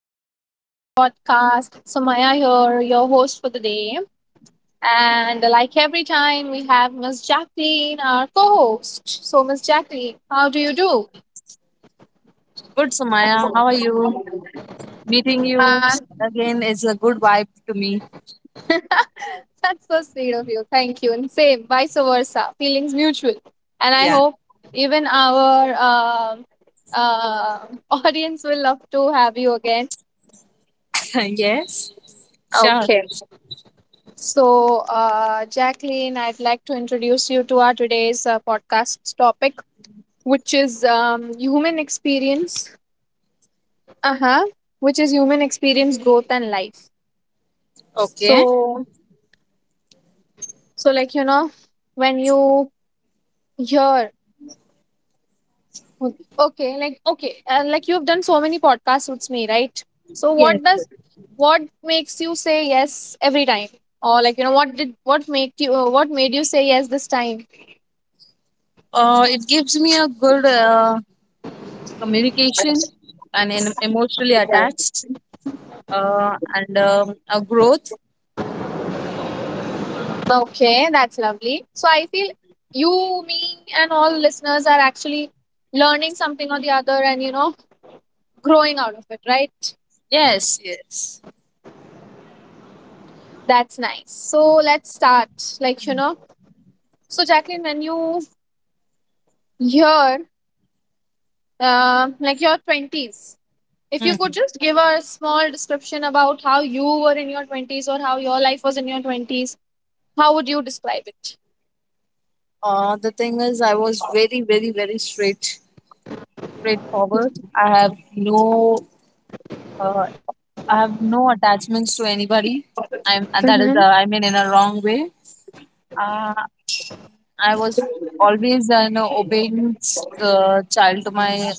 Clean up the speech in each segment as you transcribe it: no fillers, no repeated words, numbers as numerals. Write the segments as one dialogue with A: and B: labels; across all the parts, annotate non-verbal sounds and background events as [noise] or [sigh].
A: welcome to my podcast. Sumaya here, your host for the day. And like every time, we have Miss Jacqueline, our co host. So, Miss Jacqueline, how do you do?
B: Good, Samaya. How are you? Meeting you
A: Uh,
B: again is a good vibe to me.
A: [laughs] that's so sweet of you. Thank you. And same, vice versa. Feelings mutual. And I
B: Yeah.
A: hope even our um uh, [laughs] audience will love to have you again.
B: [laughs] yes. Sure.
A: Okay. So, Jacqueline, I'd like to introduce you to our today's podcast's topic, which is human experience. Uh huh. Which is human experience, growth, and life.
B: Okay.
A: So, so like when you hear, okay, like you have done so many podcasts with me, right? So,
B: Yes. Yes.
A: what makes you say yes every time, or like what made you say yes this time?
B: It gives me a good communication and emotionally attached and a growth.
A: Okay, that's lovely. So I feel you, me, and all listeners are actually learning something or the other and, growing out of it, right?
B: Yes. Yes.
A: That's nice. So let's start. Like, so Jacqueline, when you hear, like your 20s, if you
B: hmm
A: could just give a small description about how you were in your 20s or how your life was in your 20s, how would you describe it?
B: The thing is, I was very, very, very straight, straightforward. Uh, I have no attachments to anybody. I'm That is, I mean, in a wrong way. Uh, I was always an obeying child to my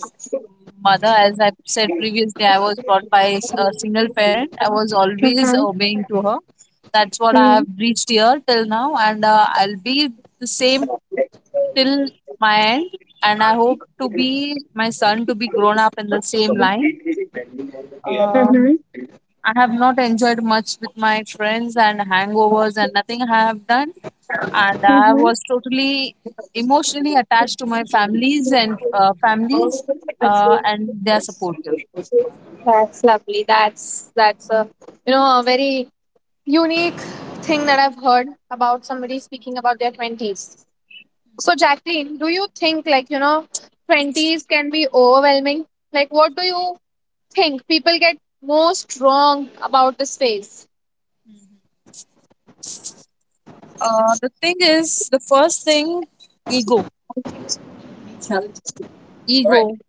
B: mother. As I said previously, I was brought by a single parent. I was always obeying to her. That's what I
A: Mm-hmm.
B: have reached here till now, and I'll be the same till my end. And I hope to be my son to be grown up in the same line. Um, I have not enjoyed much with my friends and hangovers and nothing I have done. And I
A: Mm-hmm.
B: was totally emotionally attached to my families and families and their supportive.
A: That's lovely. That's a a very unique thing that I've heard about somebody speaking about their 20s. So, Jacqueline, do you think, like, 20s can be overwhelming? Like, what do you think people get most wrong about this phase?
B: The thing is, the first thing, ego. Ego.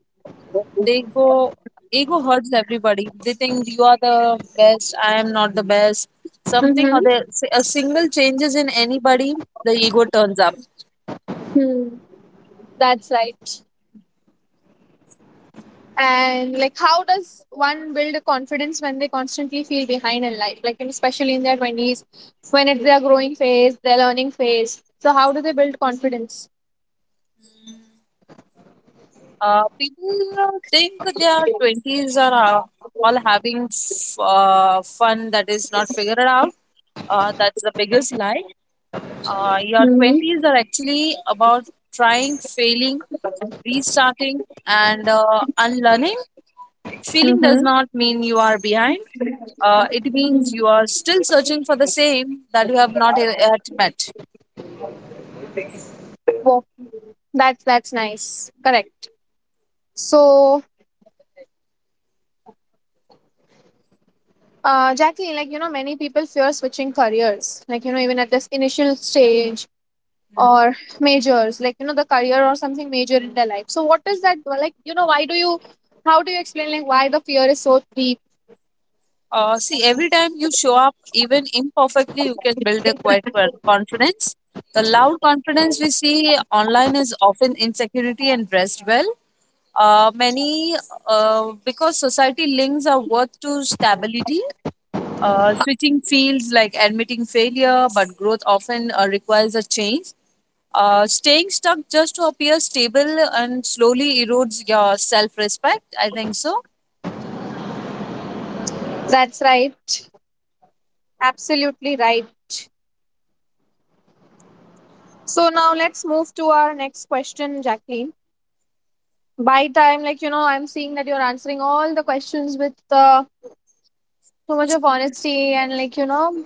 B: They go, ego hurts everybody. They think you are the best, I am not the best. Something
A: Mm-hmm.
B: or the, a single changes in anybody, the ego turns up.
A: That's right. And, like, how does one build a confidence when they constantly feel behind in life? Like, and especially in their 20s, when it's their growing phase, their learning phase. So, how do they build confidence?
B: People think their 20s are fun that is not figured out. That's the biggest lie. Your
A: Mm-hmm.
B: 20s are actually about trying, failing, restarting, and unlearning. Failing
A: Mm-hmm.
B: does not mean you are behind, it means you are still searching for the same that you have not yet met.
A: That's nice. Correct. So, Jackie, like many people fear switching careers. Like even at this initial stage or majors, like the career or something major in their life. So, what is that like? Why do you? How do you explain like why the fear is so deep?
B: See, every time you show up, even imperfectly, you can build a quiet confidence. The loud confidence we see online is often insecurity and dressed well. Uh, many, because society links our worth to stability, switching fields like admitting failure, but growth often requires a change. Staying stuck just to appear stable and slowly erodes your self respect. I think so.
A: That's right. Absolutely right. So now let's move to our next question, Jacqueline. By time, like I'm seeing that you're answering all the questions with so much of honesty and like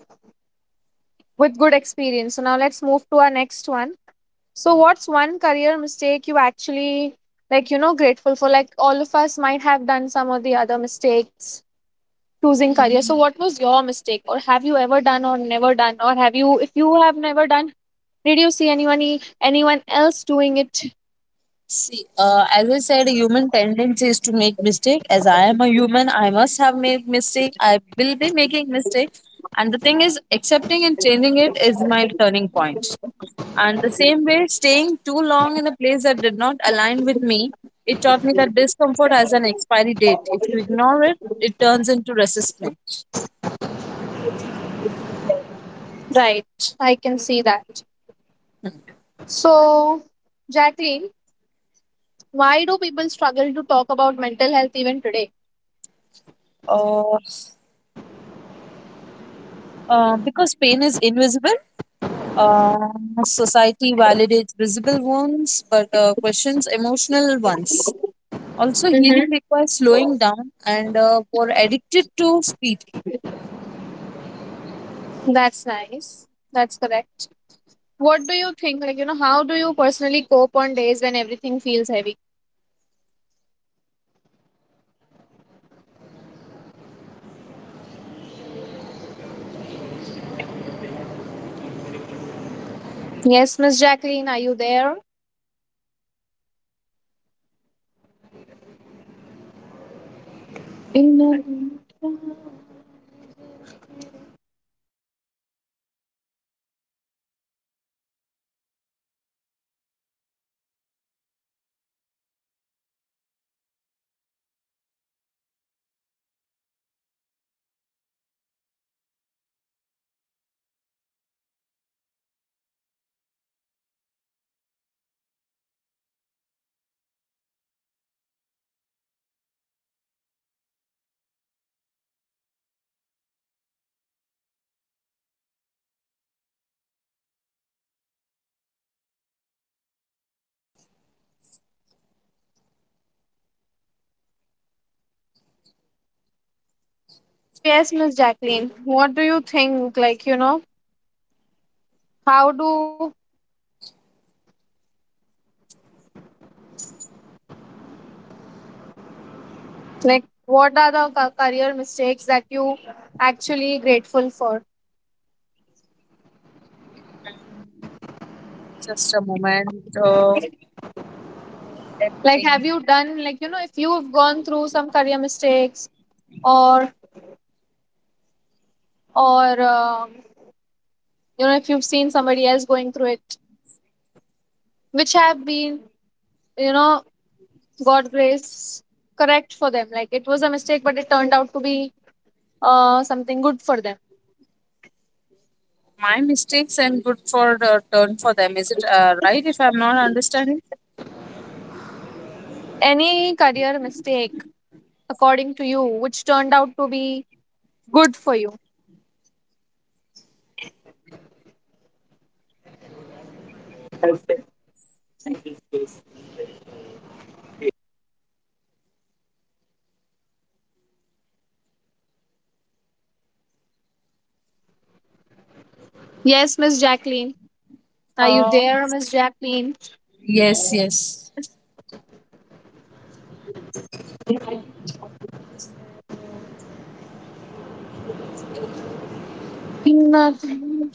A: with good experience. So now let's move to our next one. So what's one career mistake you actually grateful for, like all of us might have done some of the other mistakes choosing career. So what was your mistake, or have you ever done, or never done, or have you, if you have never done, did you see anyone anyone else doing it,
B: See, as I said, human tendency is to make mistake. As I am a human, I must have made mistake. I will be making mistake. And the thing is, accepting and changing it is my turning point. And the same way, staying too long in a place that did not align with me, it taught me that discomfort has an expiry date. If you ignore it, it turns into resistance.
A: right? I can see that. So Jacqueline, why do people struggle to talk about mental health even today?
B: Uh, because pain is invisible, uh, society validates visible ones but questions emotional ones. Also, healing
A: Mm-hmm.
B: requires slowing down and for addicted to speed.
A: That's nice. That's correct. What do you think? Like, how do you personally cope on days when everything feels heavy? Yes, Miss Jacqueline, are you there? So, yes, Miss Jacqueline, what do you think? Like, how do, like, what are the career mistakes that you actually grateful for?
B: Just a moment. Uh, Let me
A: Like, have
B: think.
A: you done, like, if you've gone through some career mistakes or, or, if you've seen somebody else going through it, which have been, you know, God grace correct for them. Like it was a mistake, but it turned out to be something good for them.
B: My mistakes and good for the turn for them. Is it right if I'm not understanding?
A: Any career mistake, according to you, which turned out to be good for you? Yes, Miss Jacqueline. Are you
B: Uh,
A: there, Miss Jacqueline?
B: yes, yes.
A: Nothing.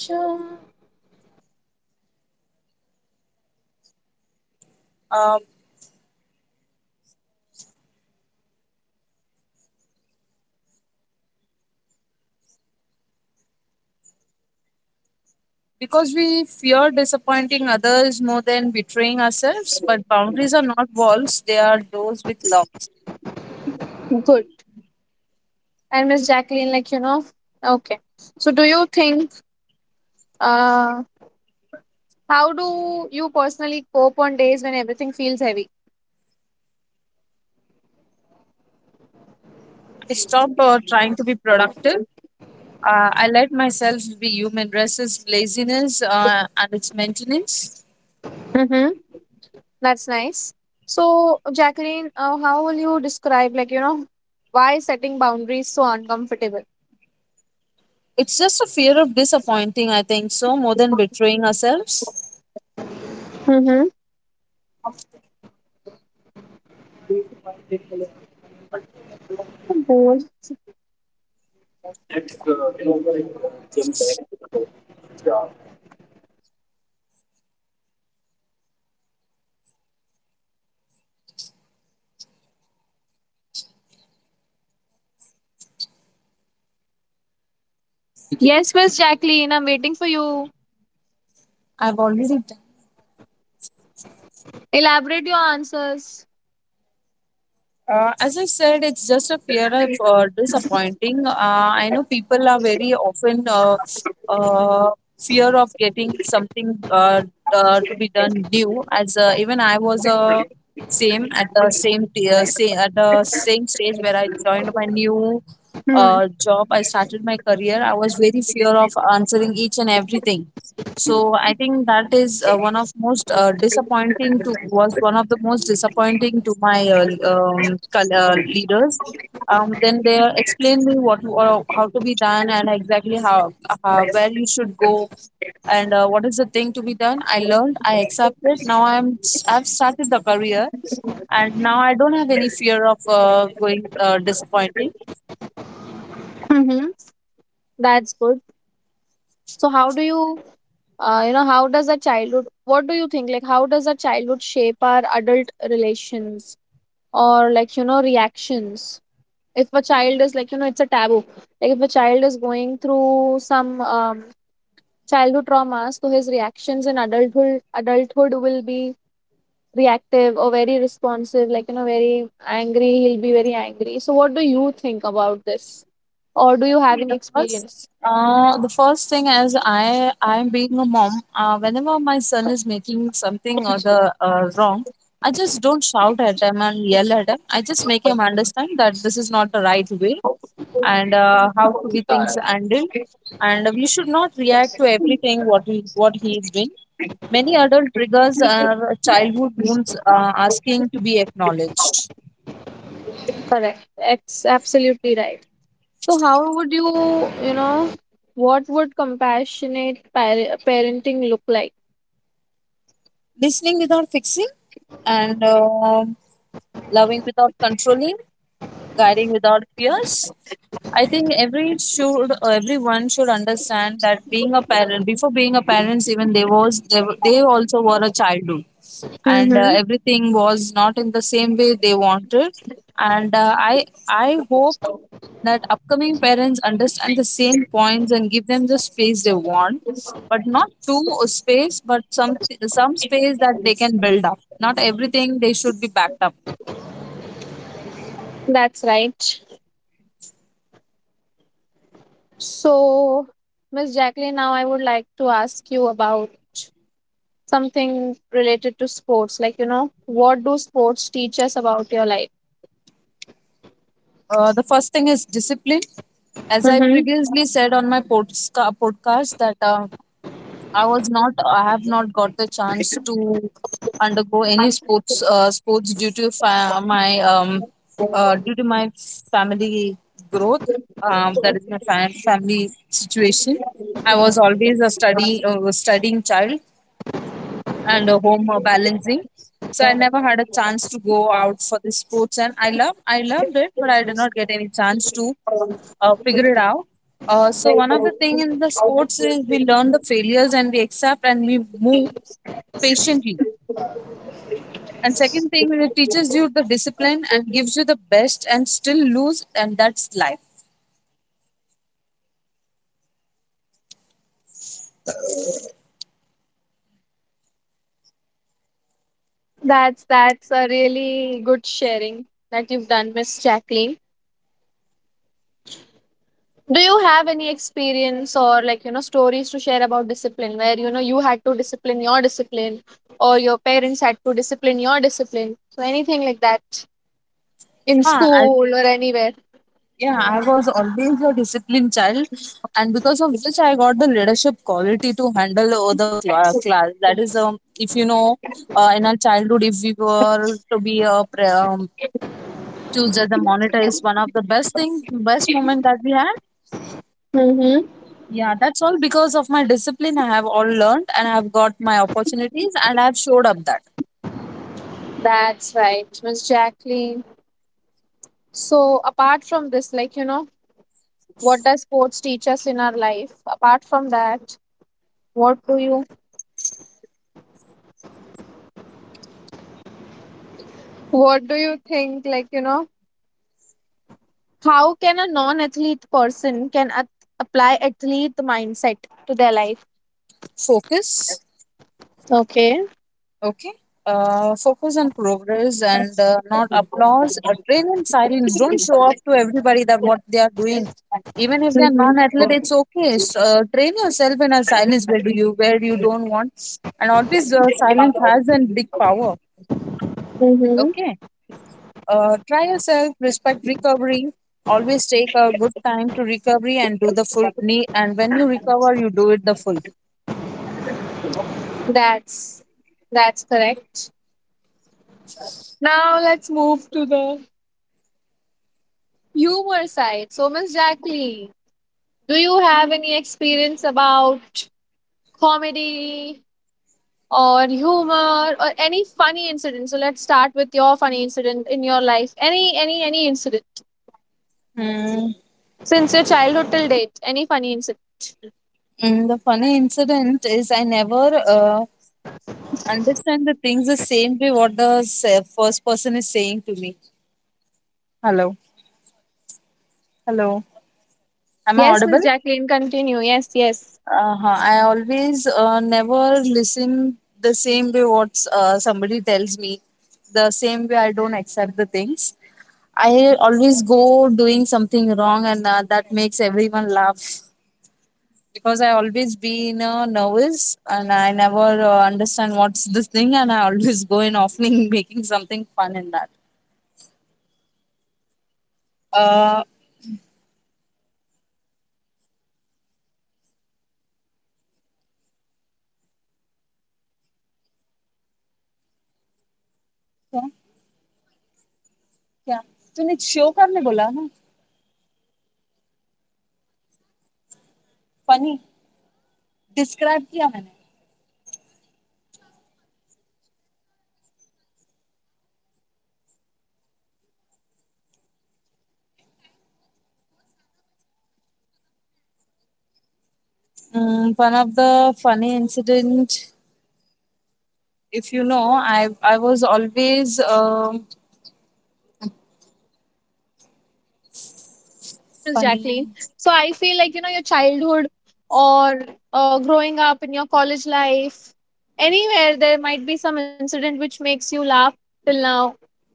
B: Um, because we fear disappointing others more than betraying ourselves, but boundaries are not walls, they are doors with locks.
A: Good. And Miss Jacqueline, okay. So, do you think, uh, how do you personally cope on days when everything feels heavy?
B: I stopped trying to be productive. I let myself be human. Rest is laziness and its maintenance.
A: Mm-hmm. That's nice. So, Jacqueline, how will you describe, like, why setting boundaries so uncomfortable?
B: It's just a fear of disappointing, I think, so more than betraying ourselves.
A: Mm-hmm. Bold. Yes, Miss Jacqueline, I'm waiting for you.
B: I've already,
A: Elaborate your answers.
B: as I said, it's just a fear of disappointing. I know people are very often uh, fear of getting something to be done new. As even I was same at the same t- say, at the same stage where I joined my new job. I started my career. I was very fear of answering each and everything, so I think that is one of most disappointing to was one of the most disappointing to my leaders. Then they explained me what or how to be done and exactly how where you should go and what is the thing to be done. I learned, I accepted. Now I'm I've started the career, and now I don't have any fear of going disappointing.
A: Mm-hmm. That's good. So, how does a childhood, what do you think, like, how does a childhood shape our adult relations or, like, reactions? If a child is, like, it's a taboo. Like, if a child is going through some childhood traumas, so his reactions in adulthood will be reactive or very responsive, like very angry. He'll be very angry. So, what do you think about this, or do you have
B: See,
A: any experience?
B: the first thing is I'm being a mom. Whenever my son is making something or the wrong, I just don't shout at him and yell at him. I just make him understand that this is not the right way and how to be things handled, and we should not react to everything what he is doing. Many adult triggers are childhood wounds asking to be acknowledged.
A: Correct. Absolutely right. So, how would you, you know, what would compassionate parenting look like?
B: Listening without fixing, and loving without controlling, guiding without fears. I think everyone should understand that being a parent, before being a parents, even they was they, were- they also were a childhood, and
A: Mm-hmm.
B: everything was not in the same way they wanted, and I hope that upcoming parents understand the same points and give them the space they want, but not too space but some space that they can build up, not everything they should be backed up.
A: That's right. So, Miss Jacqueline, now I would like to ask you about something related to sports, like what do sports teach us about your life?
B: The first thing is discipline. As I
A: Mm-hmm.
B: previously said on my podcast, that I was not, I have not got the chance to undergo any sports due to my due to my family growth. That is my family situation. I was always a studying child, and home balancing. So I never had a chance to go out for the sports, and I loved it, but I did not get any chance to figure it out. So one of the thing in the sports is we learn the failures and we accept and we move patiently. And second thing, it teaches you the discipline and gives you the best and still lose, and that's life.
A: That's a really good sharing that you've done, Miss Jacqueline. Do you have any experience or like stories to share about discipline, where you had to discipline your discipline, or your parents had to discipline your discipline, so anything like that, in
B: Huh,
A: school or anywhere?
B: Yeah, I was always a disciplined child, and because of which I got the leadership quality to handle all the class. That is, if you know, in our childhood, if we were to be a choose as a monitor is one of the best thing, best moment that we had.
A: Mm-hmm.
B: Yeah, that's all because of my discipline. I have all learned, and I have got my opportunities, and I have showed up that.
A: That's right, Miss Jacqueline. So apart from this, like what does sports teach us in our life? Apart from that, what do you what do you think? Like how can a non-athlete person can apply athlete mindset to their life?
B: Focus.
A: Okay.
B: Okay. Focus on progress and not applause. Train in silence. Don't show off to everybody that what they are doing. Even if they are non-athlete, it's okay. Train yourself in a silence where you don't want, and always silence has a big power.
A: Mm-hmm.
B: Okay. Try yourself. Respect recovery. Always take a good time to recovery and do the full knee. And when you recover, you do it the full.
A: That's that's correct. Now let's move to the humor side. So Miss Jackie, do you have any experience about comedy or humor or any funny incident? So let's start with your funny incident in your life. Any incident
B: Hmm.
A: since your childhood till date. Any funny incident?
B: And the funny incident is I never understand the things the same way what the first person is saying to me. Hello, hello. Am I
A: Yes,
B: audible?
A: Miss Jacqueline. Continue. Yes, yes,
B: Uh-huh. I always never listen the same way what somebody tells me. The same way I don't accept the things. I always go doing something wrong, and that makes everyone laugh, because I always been nervous and I never understand what's this thing and I always go in opening [laughs] making something fun in that. Uh, क्या क्या तूने show करने बोला ना funny describe किया मैंने. One of the funny incident. If you know, I was always
A: yes, Miss
B: funny.
A: Jacqueline. So I feel like your childhood or growing up in your college life, anywhere there might be some incident which makes you laugh till now.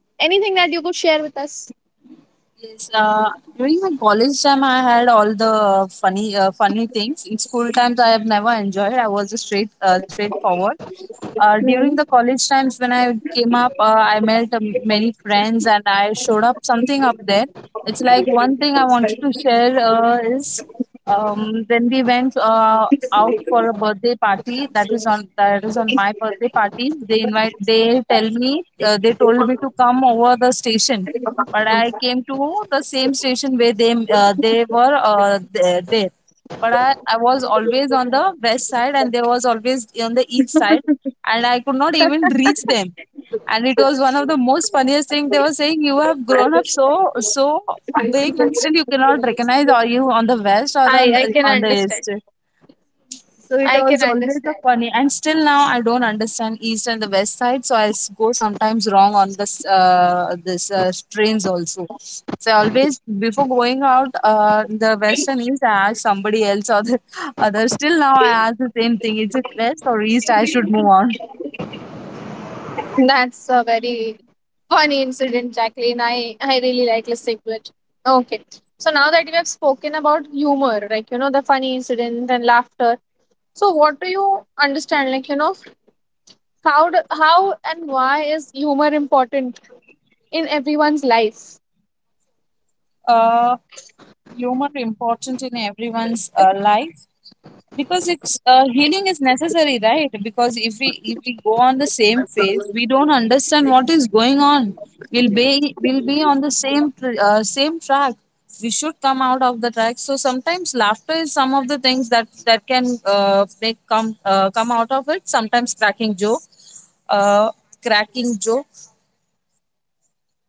A: Anything that you could share with us?
B: Yes, during my college time, I had all the funny things. In school times, I have never enjoyed. I was a straightforward. During the college times, when I came up, I met many friends and I showed up something up there. It's like one thing I wanted to share is when we went out for a birthday party. That is on my birthday party. They invite. They tell me. They told me to come over the station, but I came to the same station where they were there. But I was always on the west side and they was always on the east side, and I could not even reach them. And it was one of the most funniest thing, they were saying you have grown up so so big and still you cannot recognize, are you on the west or
A: I I can
B: on the
A: understand.
B: east. So it
A: I can
B: was always a
A: understand.
B: funny, and still now I don't understand east and the west side. So I go sometimes wrong on this trains also. So I always before going out the west and east, I ask somebody else or the [laughs] other. Still now I ask the same thing: Is it west or east? I should move on.
A: That's a very funny incident, Jacqueline. I really like listening to it. Okay. So now that we have spoken about humor, like, the funny incident and laughter. So what do you understand? Like, how and why is humor important in everyone's life?
B: Uh, Humor important in everyone's life. Because it's healing is necessary, right? Because if we go on the same phase, we don't understand what is going on. We'll be on the same same track. We should come out of the track, so sometimes laughter is some of the things that can make come come out of it. Sometimes cracking joke, uh, cracking joke.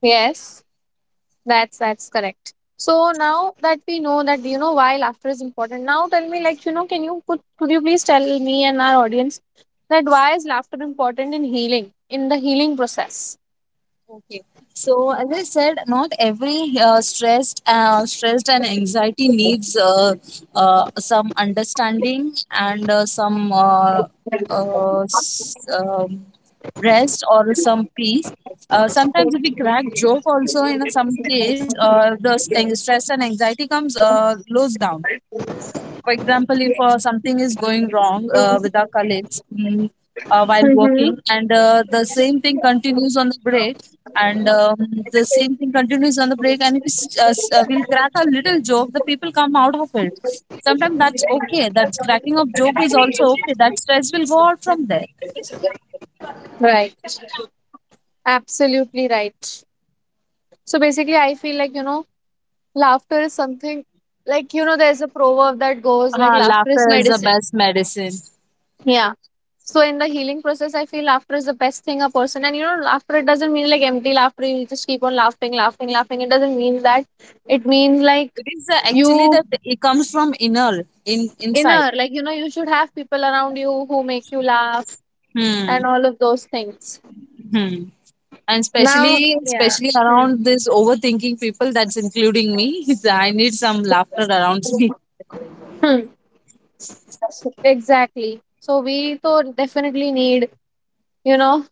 A: Yes. That's correct. So now that we know that you know why laughter is important, now tell me, like can you could you please tell me and our audience that why is laughter important in the healing process?
B: Okay. So as I said, not every stressed, stressed and anxiety needs some understanding and some uh, s- um, rest or some peace. Sometimes if we crack joke also, in some case, the stress and anxiety comes goes down. For example, if something is going wrong with our colleagues, while working,
A: Mm-hmm.
B: and the same thing continues on the break, and the same thing continues on the break, and if we crack a little joke, the people come out of it. Sometimes that's okay. That's cracking of joke is also okay. That stress will go out from there.
A: Right. Absolutely right. So basically, I feel like, laughter is something like, there's a proverb that goes like, laughter is
B: Laughter is the
A: medicine.
B: best medicine.
A: Yeah. So in the healing process, I feel laughter is the best thing a person. And laughter it doesn't mean like empty laughter. You just keep on laughing, laughing, laughing. It doesn't mean that. It means like
B: It is actually
A: you
B: that it comes from inner, in inside.
A: inner, like you should have people around you who make you laugh
B: Hmm.
A: and all of those things.
B: Hmm. And
A: Now,
B: especially
A: yeah.
B: especially
A: Hmm.
B: around this overthinking people, that's including me. [laughs] I need some laughter around me.
A: Hmm. Exactly. So we definitely need you know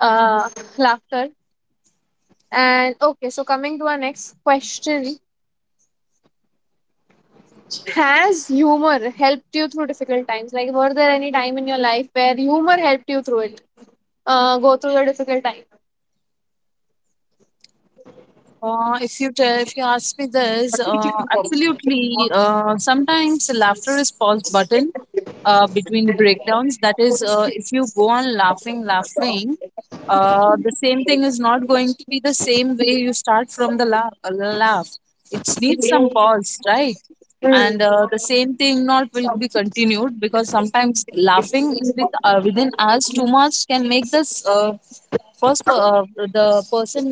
A: uh laughter. And okay, so coming to our next question, has humor helped you through difficult times? Like, were there any time in your life where humor helped you through it? Go through the difficult
B: If you ask me this, absolutely. Sometimes laughter is pause button between breakdowns. That is, if you go on laughing, laughing, the same thing is not going to be the same way you start from the laugh. Laugh. It needs some pause, right?
A: time.
B: And the same thing not will be continued, because sometimes laughing with, within us too much can make this first per- uh, the person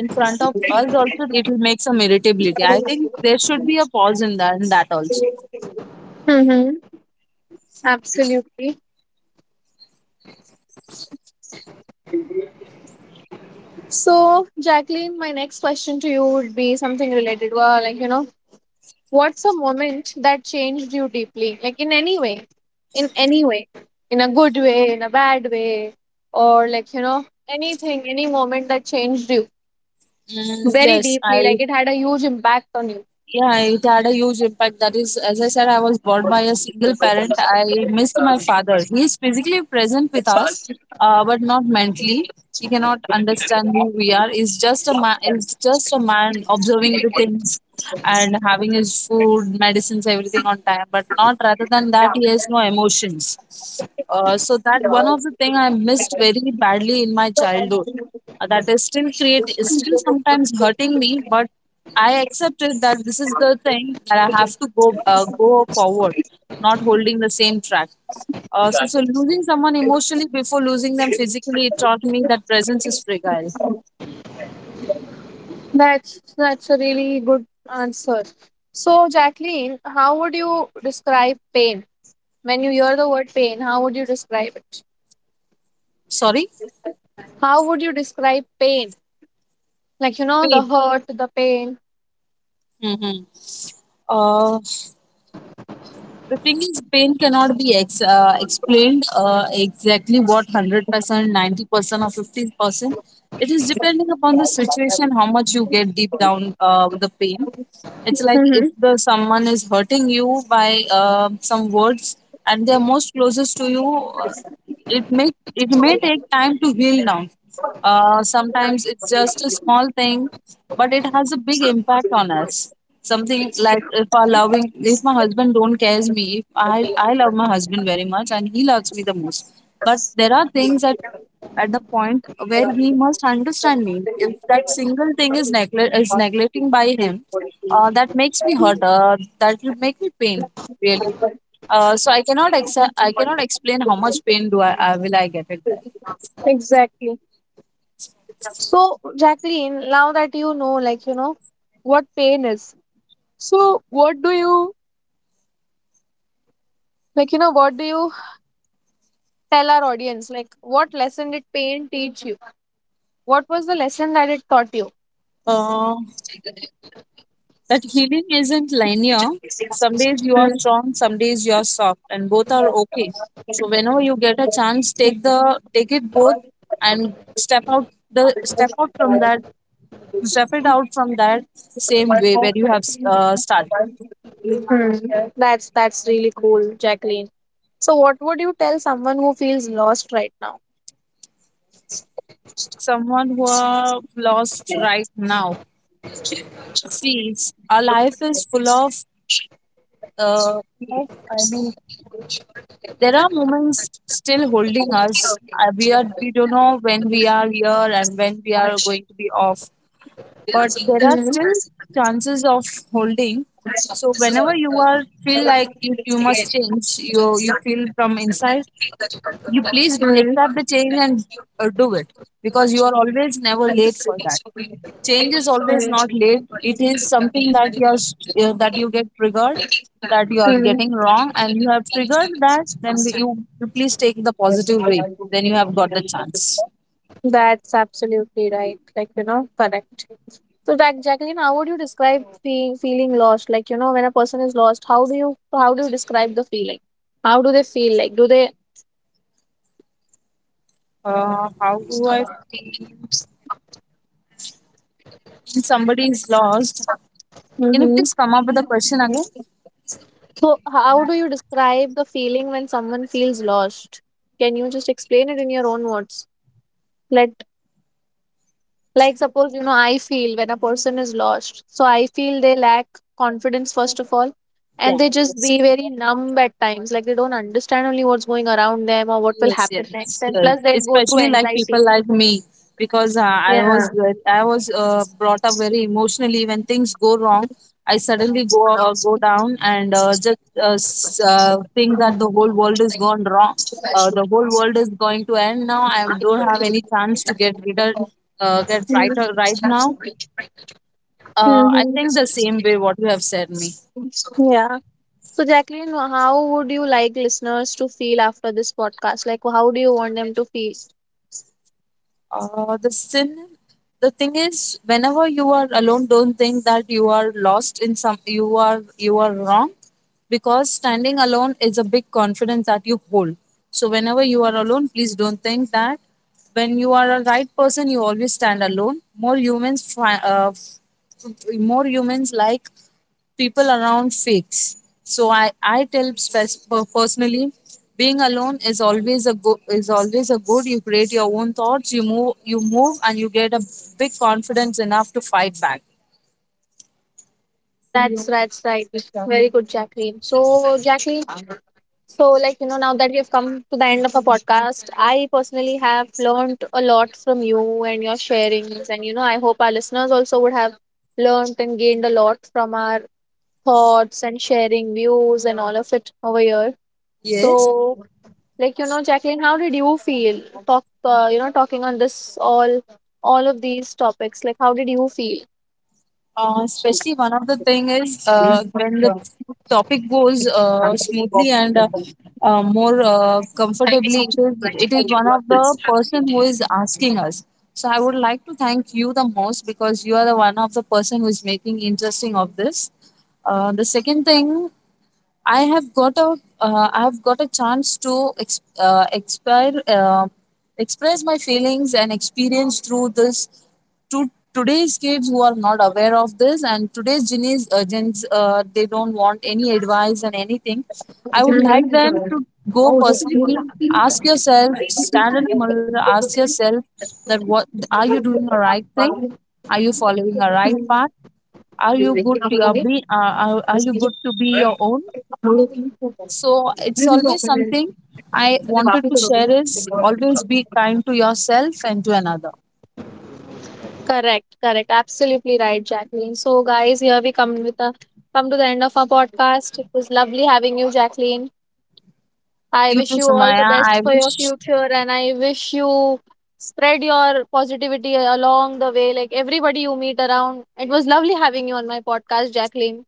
B: in front of us also, it will make some irritability. I think there should be a pause in that also.
A: Mm-hmm. Absolutely. So, Jacqueline, my next question to you would be something related. Well, like, what's a moment that changed you deeply? Like, in any way, in a good way, in a bad way, or like, anything, any moment that changed you
B: Mm,
A: very
B: yes,
A: deeply,
B: I,
A: like it had a huge impact on you.
B: yeah, it had a huge impact. That is, as I said, I was brought by a single parent. I missed my father. He is physically present with us, but not mentally. He cannot understand who we are. He's just a man. Is just a man observing the things and having his food, medicines, everything on time. But not rather than that, he has no emotions. So that one of the thing I missed very badly in my childhood. That is still create Is still sometimes hurting me, but I accepted that this is the thing that I have to go go forward, not holding the same track. So losing someone emotionally before losing them physically, it taught me that presence is fragile.
A: That's a really good answer. So, Jacqueline, how would you describe pain? When you hear the word pain, how would you describe it?
B: Sorry,
A: How would you describe pain? Like the
B: pain.
A: hurt, the pain.
B: Hmm. Uh, The thing is, pain cannot be explained exactly what 100%, 90%, or 50%. It is depending upon the situation, how much you get deep down with the pain. It's like
A: Mm-hmm.
B: if the someone is hurting you by some words, and they're most closest to you, it may it may take time to heal down. Sometimes it's just a small thing, but it has a big impact on us. Something like if our loving, if my husband don't cares me, if I love my husband very much and he loves me the most, but there are things that at the point where he must understand me, if that single thing is neglecting by him, that makes me hurt, that will make me pain, really. So I cannot accept, I cannot explain how much pain I will I get it there.
A: Exactly. So, Jacqueline, now that you know, like what pain is. So, what do you like? What do you tell our audience? Like, what lesson did pain teach you? What was the lesson that it taught you?
B: Uh, that healing isn't linear. Some days you are strong, some days you are soft, and both are okay. So whenever you get a chance, take it both, and step out from that, step it out from that same way where you have started.
A: Hmm. That's really cool, Jacqueline. So what would you tell someone who feels lost right now?
B: Someone who are lost right now, sees our life is full of uh, full of- I mean there are moments still holding us. We are, we don't know when we are here and when we are going to be off, but there are still chances of holding. So whenever you are feel like you must change, you feel from inside, you please
A: Hmm. Hmm.
B: accept the change and do it, because you are always never late for that. Change is always not late, it is something that you are that you get triggered, that you are
A: Hmm.
B: getting wrong and you have triggered that, then you please take the positive way, then you have got the chance.
A: That's absolutely right. Correct. So Jack Jacqueline, how would you describe fe feeling lost? Like, when a person is lost, how do you describe the feeling? How do they feel like? Do they
B: How do I feel when somebody is lost? Can you
A: Mm-hmm.
B: please come up with a question again?
A: So, how do you describe the feeling when someone feels lost? Can you just explain it in your own words? Let, like, suppose, I feel when a person is lost. So, I feel they lack confidence, first of all, and
B: Yeah,
A: they just
B: yes.
A: be very numb at times. Like, they don't understand only what's going around them or what will
B: Yes,
A: happen next.
B: yes,
A: And
B: yes.
A: plus, they go through
B: Especially like
A: anxiety.
B: people like me, because
A: Yeah.
B: I was brought up very emotionally. When things go wrong, I suddenly go go down and think that the whole world is gone wrong. The whole world is going to end now. I don't have any chance to get rid of, get right right now. I
A: Mm-hmm.
B: think the same way what you have said me.
A: Yeah. So, Jacqueline, how would you like listeners to feel after this podcast? Like, how do you want them to feel?
B: Uh, the sin, the thing is, whenever you are alone, don't think that you are lost in some. You are wrong, because standing alone is a big confidence that you hold. So whenever you are alone, please don't think that when you are a right person, you always stand alone. More humans try. More humans like people around fakes. So I tell, personally, being alone is always a go. Is always a good. You create your own thoughts, you move and you get a big confidence enough to fight back.
A: That's [laughs] That's right. Very good, Jacqueline. So, Jacqueline, so like now that we have come to the end of our podcast, I personally have learned a lot from you and your sharings, and I hope our listeners also would have learned and gained a lot from our thoughts and sharing views and all of it over here. So,
B: Yes.
A: like Jacqueline, how did you feel? Talking on this all of these topics. Like, how did you feel?
B: Especially one of the thing is, when the topic goes smoothly and more comfortably, it is, it is one of the person who is asking us. So I would like to thank you the most because you are the one of the person who is making interesting of this. The second thing, I have got a chance to express my feelings and experience through this to today's kids who are not aware of this, and today's genies gens, they don't want any advice and anything. I would like them to go personally, ask yourself, stand in a mirror, ask yourself that what are you doing, the right thing? Are you following a right path? Are you good to are you good to be your own? So it's always something I wanted to share: is always be kind to yourself and to another.
A: Correct, correct. Absolutely right, Jacqueline. So, guys, here we come with a come to the end of our podcast. It was lovely having you, Jacqueline. I
B: You too,
A: wish you all the
B: Sumaya.
A: best
B: I
A: for your
B: wish.
A: future, and I wish you spread your positivity along the way, like everybody you meet around. It was lovely having you on my podcast, Jacqueline.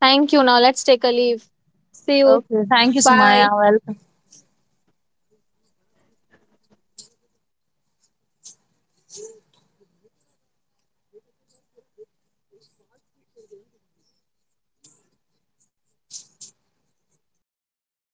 A: Thank you. Now, let's take a leave. See you.
B: Okay, thank you, Sumaya.
A: Bye.
B: Welcome.